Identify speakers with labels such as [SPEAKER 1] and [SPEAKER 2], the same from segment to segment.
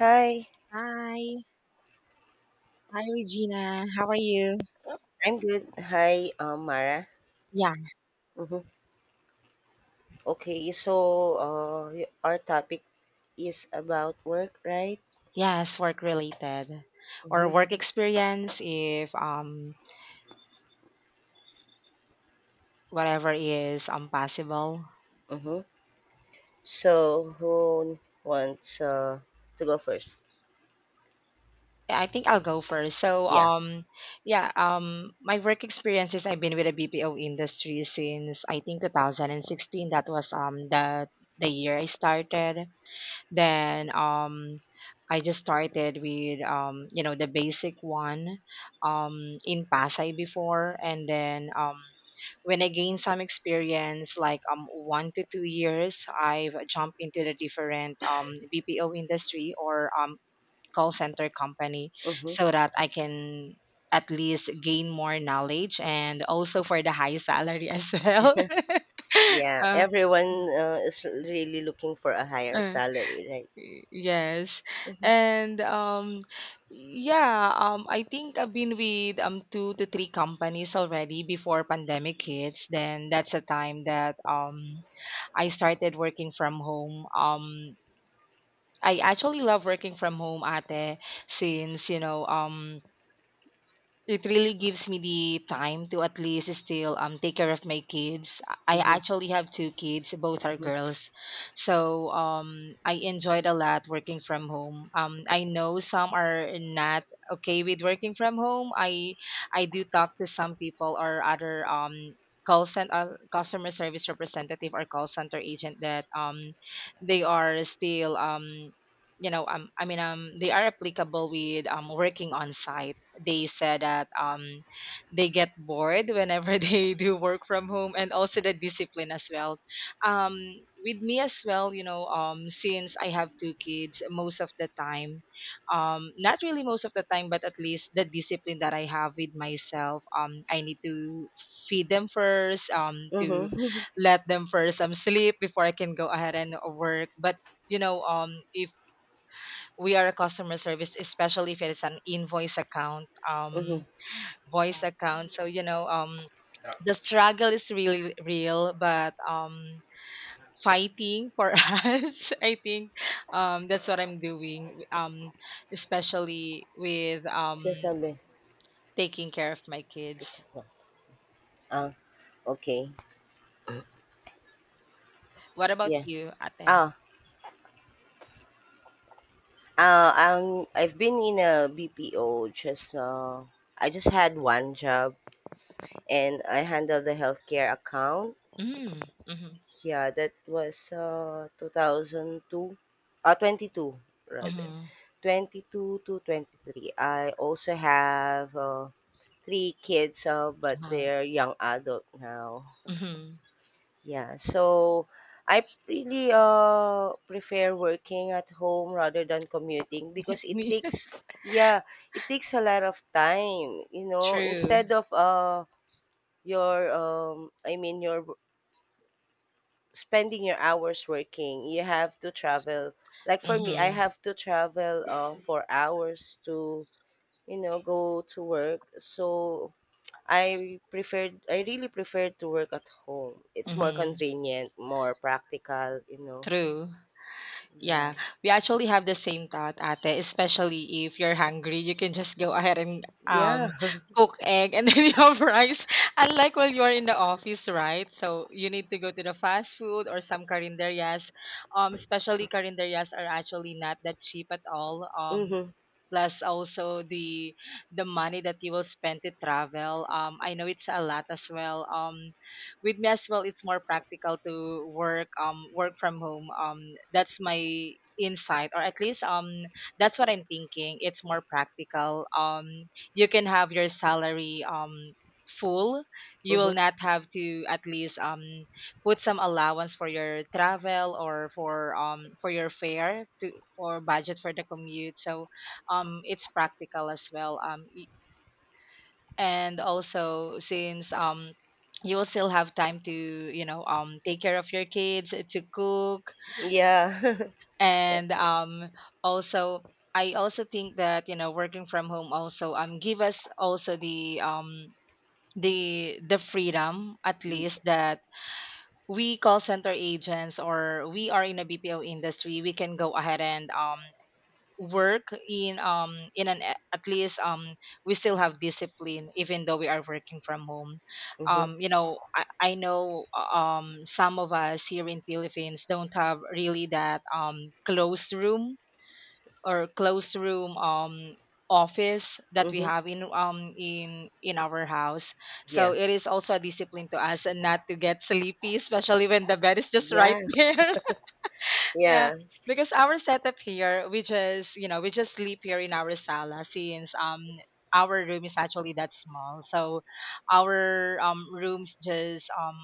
[SPEAKER 1] Hi.
[SPEAKER 2] Hi. Hi, Regina. How are you?
[SPEAKER 1] I'm good. Hi, Mara.
[SPEAKER 2] Yeah.
[SPEAKER 1] Hmm. Okay, so our topic is about work, right?
[SPEAKER 2] Yes, work related or
[SPEAKER 1] Mm-hmm.
[SPEAKER 2] work experience if whatever is possible.
[SPEAKER 1] Mm-hmm. So who wants to go first?
[SPEAKER 2] I think I'll go first. So
[SPEAKER 1] Yeah.
[SPEAKER 2] um yeah, my work experience is I've been with the BPO industry since I think 2016. That was the year I started. Then I just started with the basic one in Pasay before, and then when I gained some experience, like 1 to 2 years, I've jumped into the different BPO industry or call center company,
[SPEAKER 1] Mm-hmm.
[SPEAKER 2] so that I can at least gain more knowledge and also for the high salary as well.
[SPEAKER 1] Yeah,
[SPEAKER 2] uh,
[SPEAKER 1] everyone is really looking for a higher
[SPEAKER 2] uh,
[SPEAKER 1] salary, right?
[SPEAKER 2] Yes. And yeah, I think I've been with two to three companies already before pandemic hits. Then that's a time that I started working from home. I actually love working from home ate since, it really gives me the time to at least still take care of my kids. I
[SPEAKER 1] Mm-hmm.
[SPEAKER 2] actually have two kids, both are
[SPEAKER 1] Mm-hmm.
[SPEAKER 2] girls. So I enjoyed a lot working from home. I know some are not okay with working from home. I do talk to some people or other call center customer service representative or call center agent that they are still I mean they are applicable with working on site. They said that they get bored whenever they do work from home, and also the discipline as well. um with me as well, since I have two kids, most of the time, not really most of the time, but at least the discipline that I have with myself, I need to feed them first, to
[SPEAKER 1] Mm-hmm.
[SPEAKER 2] let them first sleep before I can go ahead and work. But if we are a customer service, especially if it is an invoice account,
[SPEAKER 1] Mm-hmm.
[SPEAKER 2] voice account, so the struggle is really real, but fighting for us, I think that's what I'm doing, especially with
[SPEAKER 1] Sinasabi.
[SPEAKER 2] taking care of my kids.
[SPEAKER 1] I-check mo. Ah, okay.
[SPEAKER 2] What about
[SPEAKER 1] Yeah.
[SPEAKER 2] you, ate?
[SPEAKER 1] Ah, I've been in a BPO. Just I just had one job, and I handled the healthcare account.
[SPEAKER 2] Mm, mm-hmm,
[SPEAKER 1] Yeah, that was 2002, twenty two rather,
[SPEAKER 2] mm-hmm,
[SPEAKER 1] twenty two to twenty three. I also have three kids, but
[SPEAKER 2] uh,
[SPEAKER 1] they're young adult now.
[SPEAKER 2] mm-hmm.
[SPEAKER 1] Yeah, so I really prefer working at home rather than commuting because it takes, yeah, it takes a lot of time, you know,
[SPEAKER 2] True.
[SPEAKER 1] instead of your I mean your spending your hours working, you have to travel. Like for me, I
[SPEAKER 2] Mm-hmm,
[SPEAKER 1] have to travel for hours to, you know, go to work. So I really preferred to work at home. It's more
[SPEAKER 2] mm-hmm,
[SPEAKER 1] convenient, more practical, you know.
[SPEAKER 2] true.
[SPEAKER 1] Yeah.
[SPEAKER 2] Yeah, we actually have the same thought, ate, especially if you're hungry, you can just go ahead and
[SPEAKER 1] Yeah.
[SPEAKER 2] cook egg and then you have rice. Unlike when you are in the office, right? So you need to go to the fast food or some carinderias. Especially carinderias are actually not that cheap at all.
[SPEAKER 1] Mhm.
[SPEAKER 2] Plus also the money that you will spend to travel. I know it's a lot as well. With me as well, it's more practical to work work from home. That's my insight, or at least that's what I'm thinking. It's more practical. You can have your salary full. You will
[SPEAKER 1] Mhm.
[SPEAKER 2] not have to at least put some allowance for your travel, or for your fare to, or budget for the commute. So it's practical as well. And also since you will still have time to, take care of your kids, to cook,
[SPEAKER 1] Yeah.
[SPEAKER 2] and also, I also think that you know working from home also give us also the the freedom at
[SPEAKER 1] Definitely.
[SPEAKER 2] least, that we call center agents, or we are in a BPO industry, we can go ahead and work in an at least we still have discipline even though we are working from home.
[SPEAKER 1] Mhm.
[SPEAKER 2] um you know i, I know some of us here in Philippines don't have really that closed room, or closed room office that we
[SPEAKER 1] Mhm.
[SPEAKER 2] have in in our house, so
[SPEAKER 1] Yeah.
[SPEAKER 2] it is also a discipline to us and not to get sleepy, especially when the bed is just right
[SPEAKER 1] Yeah.
[SPEAKER 2] there. Yeah,
[SPEAKER 1] Yeah.
[SPEAKER 2] because our setup here, we just, you know, we just sleep here in our sala since our room is actually that small. So our rooms just,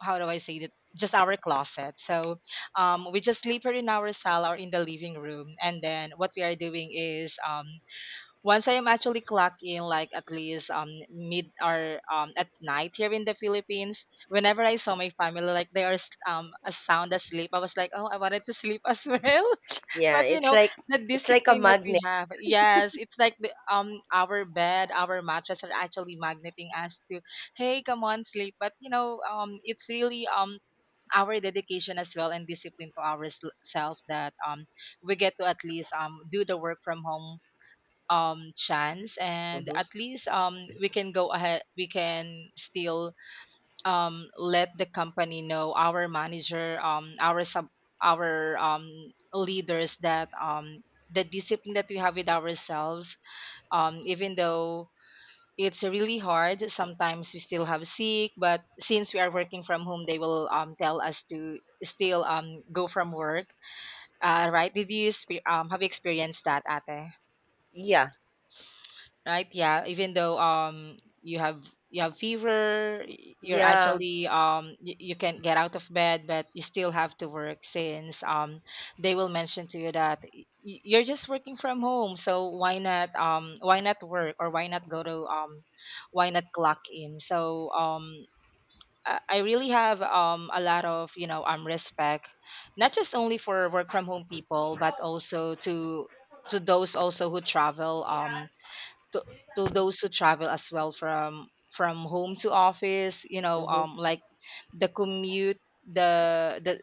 [SPEAKER 2] how do I say that? Just our closet. So we just sleep here in our sala or in the living room, and then what we are doing is once I am actually clocked in, like at least mid or at night here in the Philippines, whenever I saw my family like they are a sound asleep, I was like, oh, I wanted to sleep as well.
[SPEAKER 1] Yeah.
[SPEAKER 2] But you know the
[SPEAKER 1] It's like a
[SPEAKER 2] discipline that we
[SPEAKER 1] magnet.
[SPEAKER 2] have, yes, it's like the our bed, our mattress are actually magneting us to, hey, come on, sleep. But it's really our dedication as well and discipline to ourselves, that we get to at least do the work from home chance, and
[SPEAKER 1] Mhm.
[SPEAKER 2] at least we can go ahead, we can still let the company know, our manager, our sub, our leaders, that the discipline that we have with ourselves, even though it's really hard sometimes, we still have sick, but since we are working from home, they will tell us to still go from work. Right, did you have you experienced that, ate?
[SPEAKER 1] Yeah.
[SPEAKER 2] Right? Yeah, even though you have, you have fever, you're
[SPEAKER 1] Yeah.
[SPEAKER 2] actually you, you can't get out of bed, but you still have to work since they will mention to you that you're just working from home, so why not work, or why not go to why not clock in? So I really have a lot of respect, not just only for work from home people, but also to those also who travel. To, to those who travel as well from home to office, you know,
[SPEAKER 1] Mhm.
[SPEAKER 2] like the commute,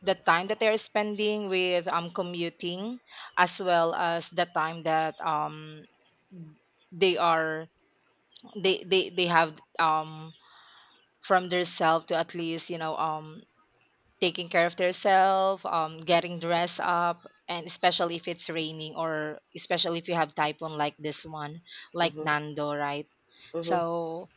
[SPEAKER 2] the time that they're spending with commuting, as well as the time that they are, they have, from their self to at least, you know, taking care of themselves, getting dressed up, and especially if it's raining or especially if you have typhoon like this one, like
[SPEAKER 1] Mhm.
[SPEAKER 2] Nando, right?
[SPEAKER 1] Mhm.
[SPEAKER 2] So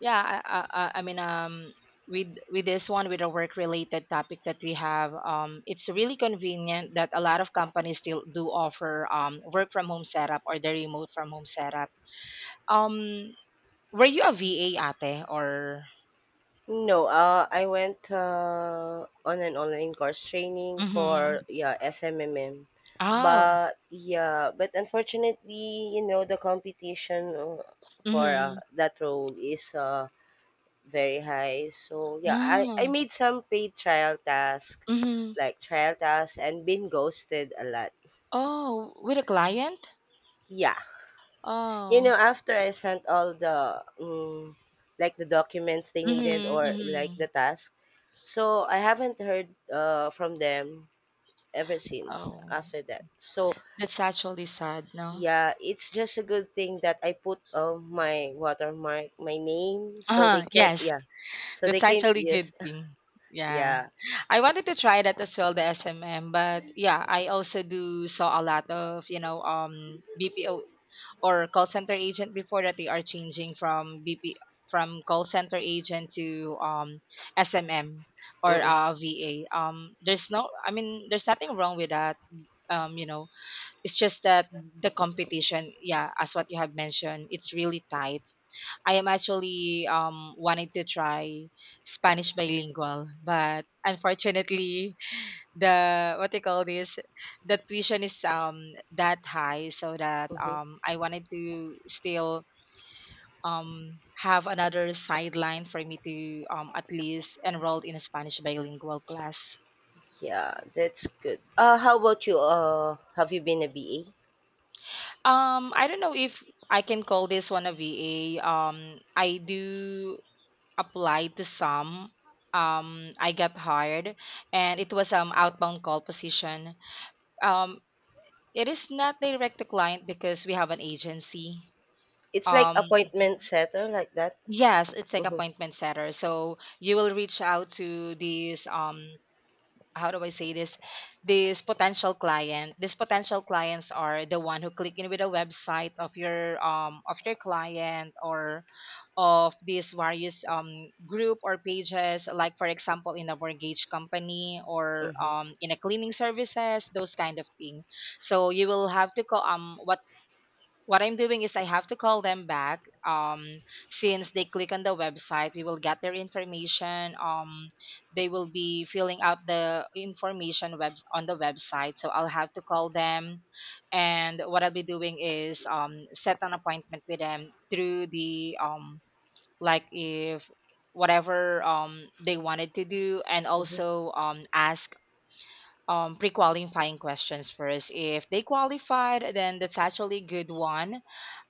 [SPEAKER 2] yeah, I mean, with this one with a work related topic that we have, it's really convenient that a lot of companies still do offer work from home setup or the remote from home setup. Um, were you a VA, ate, or?
[SPEAKER 1] No, I went on an online course training for,
[SPEAKER 2] Mm-hmm.
[SPEAKER 1] yeah, SMMM,
[SPEAKER 2] Oh.
[SPEAKER 1] but yeah, but unfortunately, you know the competition for
[SPEAKER 2] Mm-hmm.
[SPEAKER 1] that role is very high. So, yeah, I
[SPEAKER 2] Oh.
[SPEAKER 1] made some paid trial task,
[SPEAKER 2] Mm-hmm.
[SPEAKER 1] like trial tasks, and been ghosted a lot.
[SPEAKER 2] Oh, with a client?
[SPEAKER 1] Yeah, you know,
[SPEAKER 2] Oh.
[SPEAKER 1] after I sent all the like the documents they needed
[SPEAKER 2] Mm-hmm.
[SPEAKER 1] or like the
[SPEAKER 2] Mm-hmm.
[SPEAKER 1] task, so I haven't heard from them ever since
[SPEAKER 2] Oh,
[SPEAKER 1] after that. So,
[SPEAKER 2] that's actually sad, no?
[SPEAKER 1] yeah, it's just a good thing that I put my watermark, my name, so they
[SPEAKER 2] Uh-huh.
[SPEAKER 1] can't.
[SPEAKER 2] Yes.
[SPEAKER 1] Yeah, so they
[SPEAKER 2] That's
[SPEAKER 1] can't
[SPEAKER 2] actually
[SPEAKER 1] use.
[SPEAKER 2] good thing. Yeah.
[SPEAKER 1] Yeah.
[SPEAKER 2] I wanted to try that as well, the SMM, but yeah, I also do saw a lot of, you know, BPO or call center agent before that they are changing from BP from call center agent to SMM or
[SPEAKER 1] Mm-mm.
[SPEAKER 2] VA. There's no, I mean there's nothing wrong with that. You know, it's just that the competition, yeah, as what you have mentioned, it's really tight. I am actually wanting to try Spanish bilingual, but unfortunately the what they call this, the tuition is that high, so that
[SPEAKER 1] Mm-hmm.
[SPEAKER 2] I wanted to still have another sideline for me to at least enroll in a Spanish bilingual class.
[SPEAKER 1] Yeah, that's good. How about you? Have you been a BA?
[SPEAKER 2] I don't know if I can call this one a VA. I do applied to some. I got hired, and it was outbound call position. Um, it is not direct to client because we have an agency.
[SPEAKER 1] It's like
[SPEAKER 2] Um,
[SPEAKER 1] appointment setter, like that.
[SPEAKER 2] yes, it's like
[SPEAKER 1] Mm-hmm.
[SPEAKER 2] appointment setter. So you will reach out to these how do I say this? These potential client. These potential clients are the one who click in with a website of your client, or of these various, group or pages, like for example in a mortgage company, or,
[SPEAKER 1] Mm-hmm.
[SPEAKER 2] in a cleaning services, those kind of thing. So you will have to call, what I'm doing is I have to call them back. Since they click on the website, we will get their information. They will be filling out the information web on the website, so I'll have to call them, and what I'll be doing is set an appointment with them through the like if whatever they wanted to do, and
[SPEAKER 1] Mm-hmm.
[SPEAKER 2] also ask pre-qualifying questions first. If they qualified, then that's actually good one.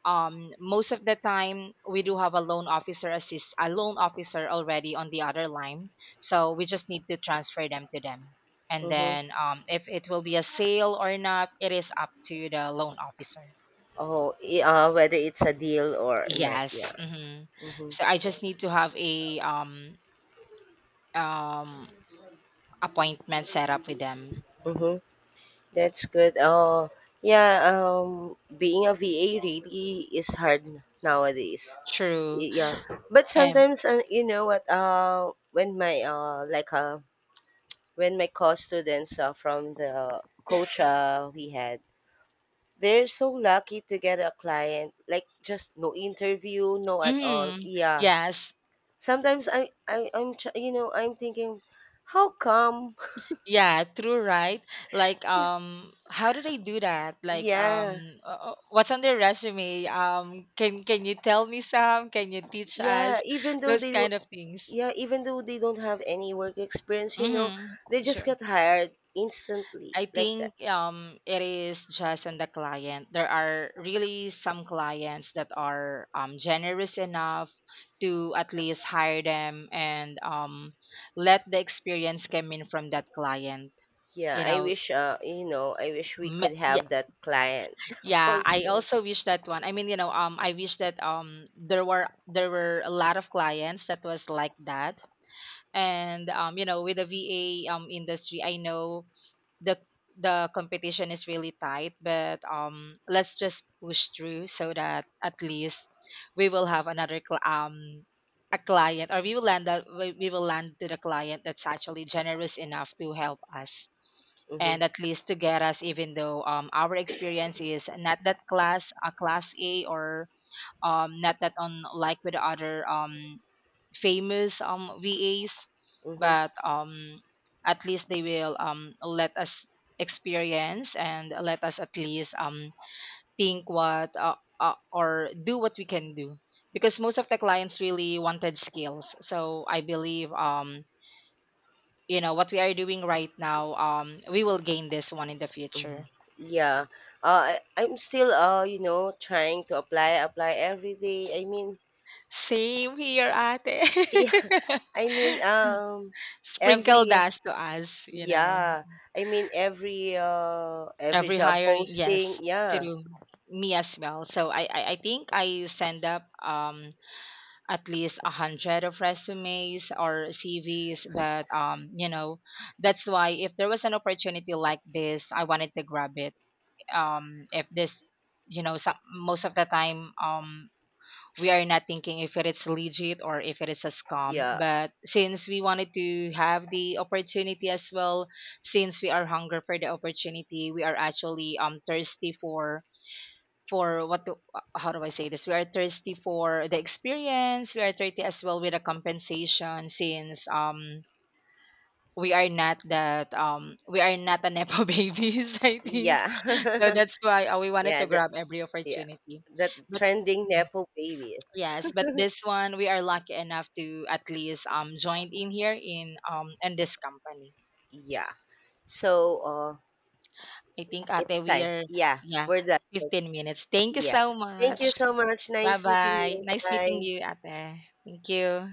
[SPEAKER 2] Most of the time we do have a loan officer assist, a loan officer already on the other line, so we just need to transfer them to them, and
[SPEAKER 1] Mm-hmm.
[SPEAKER 2] then if it will be a sale or not, it is up to the loan officer.
[SPEAKER 1] Oh, whether it's a deal or not,
[SPEAKER 2] Yes.
[SPEAKER 1] yeah.
[SPEAKER 2] Hmm.
[SPEAKER 1] Mm-hmm.
[SPEAKER 2] So I just need to have a um appointment set up with them.
[SPEAKER 1] Mm-hmm. That's good. Oh, yeah. Being a VA really is hard nowadays.
[SPEAKER 2] True.
[SPEAKER 1] Yeah, but
[SPEAKER 2] And
[SPEAKER 1] sometimes, you know what? When my like when my co students from the coach we had, they're so lucky to get a client. Like just no interview, no at all.
[SPEAKER 2] mm,
[SPEAKER 1] Yeah.
[SPEAKER 2] yes.
[SPEAKER 1] Sometimes you know, I'm thinking, how come.
[SPEAKER 2] Yeah, true, right? Like how do they do that? Like
[SPEAKER 1] Yeah,
[SPEAKER 2] what's on their resume? Can you tell me some? Can you teach
[SPEAKER 1] yeah.
[SPEAKER 2] us
[SPEAKER 1] Even though
[SPEAKER 2] those
[SPEAKER 1] they, do-
[SPEAKER 2] kind of things?
[SPEAKER 1] Yeah, even though they don't have any work experience, you know,
[SPEAKER 2] Mhm.
[SPEAKER 1] they just
[SPEAKER 2] Sure.
[SPEAKER 1] got hired instantly
[SPEAKER 2] I
[SPEAKER 1] like that.
[SPEAKER 2] think it is just on the client. There are really some clients that are generous enough to at least hire them, and let the experience come in from that client.
[SPEAKER 1] Yeah,
[SPEAKER 2] You
[SPEAKER 1] I
[SPEAKER 2] know,
[SPEAKER 1] wish, you know, I wish we could have
[SPEAKER 2] yeah,
[SPEAKER 1] that client
[SPEAKER 2] yeah, I
[SPEAKER 1] also.
[SPEAKER 2] also wish that one, I mean you know I wish that there were a lot of clients that was like that, and you know with the VA industry, I know the the competition is really tight, but let's just push through, so that at least we will have a client, or we will land that, we will land to the client that's actually generous enough to help us,
[SPEAKER 1] Mm-hmm.
[SPEAKER 2] and at least to get us even though our experience is not that class a, class a, or not that unlike with the other famous VAs,
[SPEAKER 1] Mm-hmm.
[SPEAKER 2] but at least they will let us experience and let us at least think what or do what we can do, because most of the clients really wanted skills. So I believe you know what we are doing right now, we will gain this one in the future.
[SPEAKER 1] Yeah. I'm still, you know, trying to apply, apply every day. I mean,
[SPEAKER 2] Same here,
[SPEAKER 1] yeah,
[SPEAKER 2] ate.
[SPEAKER 1] I mean,
[SPEAKER 2] Sprinkle
[SPEAKER 1] every,
[SPEAKER 2] dust to us, you know.
[SPEAKER 1] yeah, I mean, every
[SPEAKER 2] Every
[SPEAKER 1] job
[SPEAKER 2] hiring,
[SPEAKER 1] posting.
[SPEAKER 2] yes,
[SPEAKER 1] Yeah.
[SPEAKER 2] through me as well. So I think I send up at least 100 of resumes or CVs, but you know that's why if there was an opportunity like this, I wanted to grab it. If this, you know, some, most of the time we are not thinking if it is legit or if it is a scam.
[SPEAKER 1] Yeah.
[SPEAKER 2] But since we wanted to have the opportunity as well, since we are hunger for the opportunity, we are actually thirsty for what do, how do I say this? We are thirsty for the experience. We are thirsty as well with the compensation, since we are not that we are not a nepo babies I think, so
[SPEAKER 1] Yeah.
[SPEAKER 2] that's why, we wanted
[SPEAKER 1] Yeah,
[SPEAKER 2] to
[SPEAKER 1] that,
[SPEAKER 2] grab every
[SPEAKER 1] yeah.
[SPEAKER 2] opportunity.
[SPEAKER 1] That trending Nepo babies.
[SPEAKER 2] Yes, but this one we are lucky enough to at least join in here in this company.
[SPEAKER 1] Yeah. So
[SPEAKER 2] I think
[SPEAKER 1] it's
[SPEAKER 2] Ate we
[SPEAKER 1] time.
[SPEAKER 2] are,
[SPEAKER 1] Yeah.
[SPEAKER 2] yeah,
[SPEAKER 1] We're done. So,
[SPEAKER 2] 15 minutes. Thank you
[SPEAKER 1] yeah,
[SPEAKER 2] so
[SPEAKER 1] thank
[SPEAKER 2] much.
[SPEAKER 1] you so much. Nice meeting
[SPEAKER 2] Bye-bye.
[SPEAKER 1] you.
[SPEAKER 2] Nice meeting
[SPEAKER 1] Bye.
[SPEAKER 2] you, Ate. Thank you.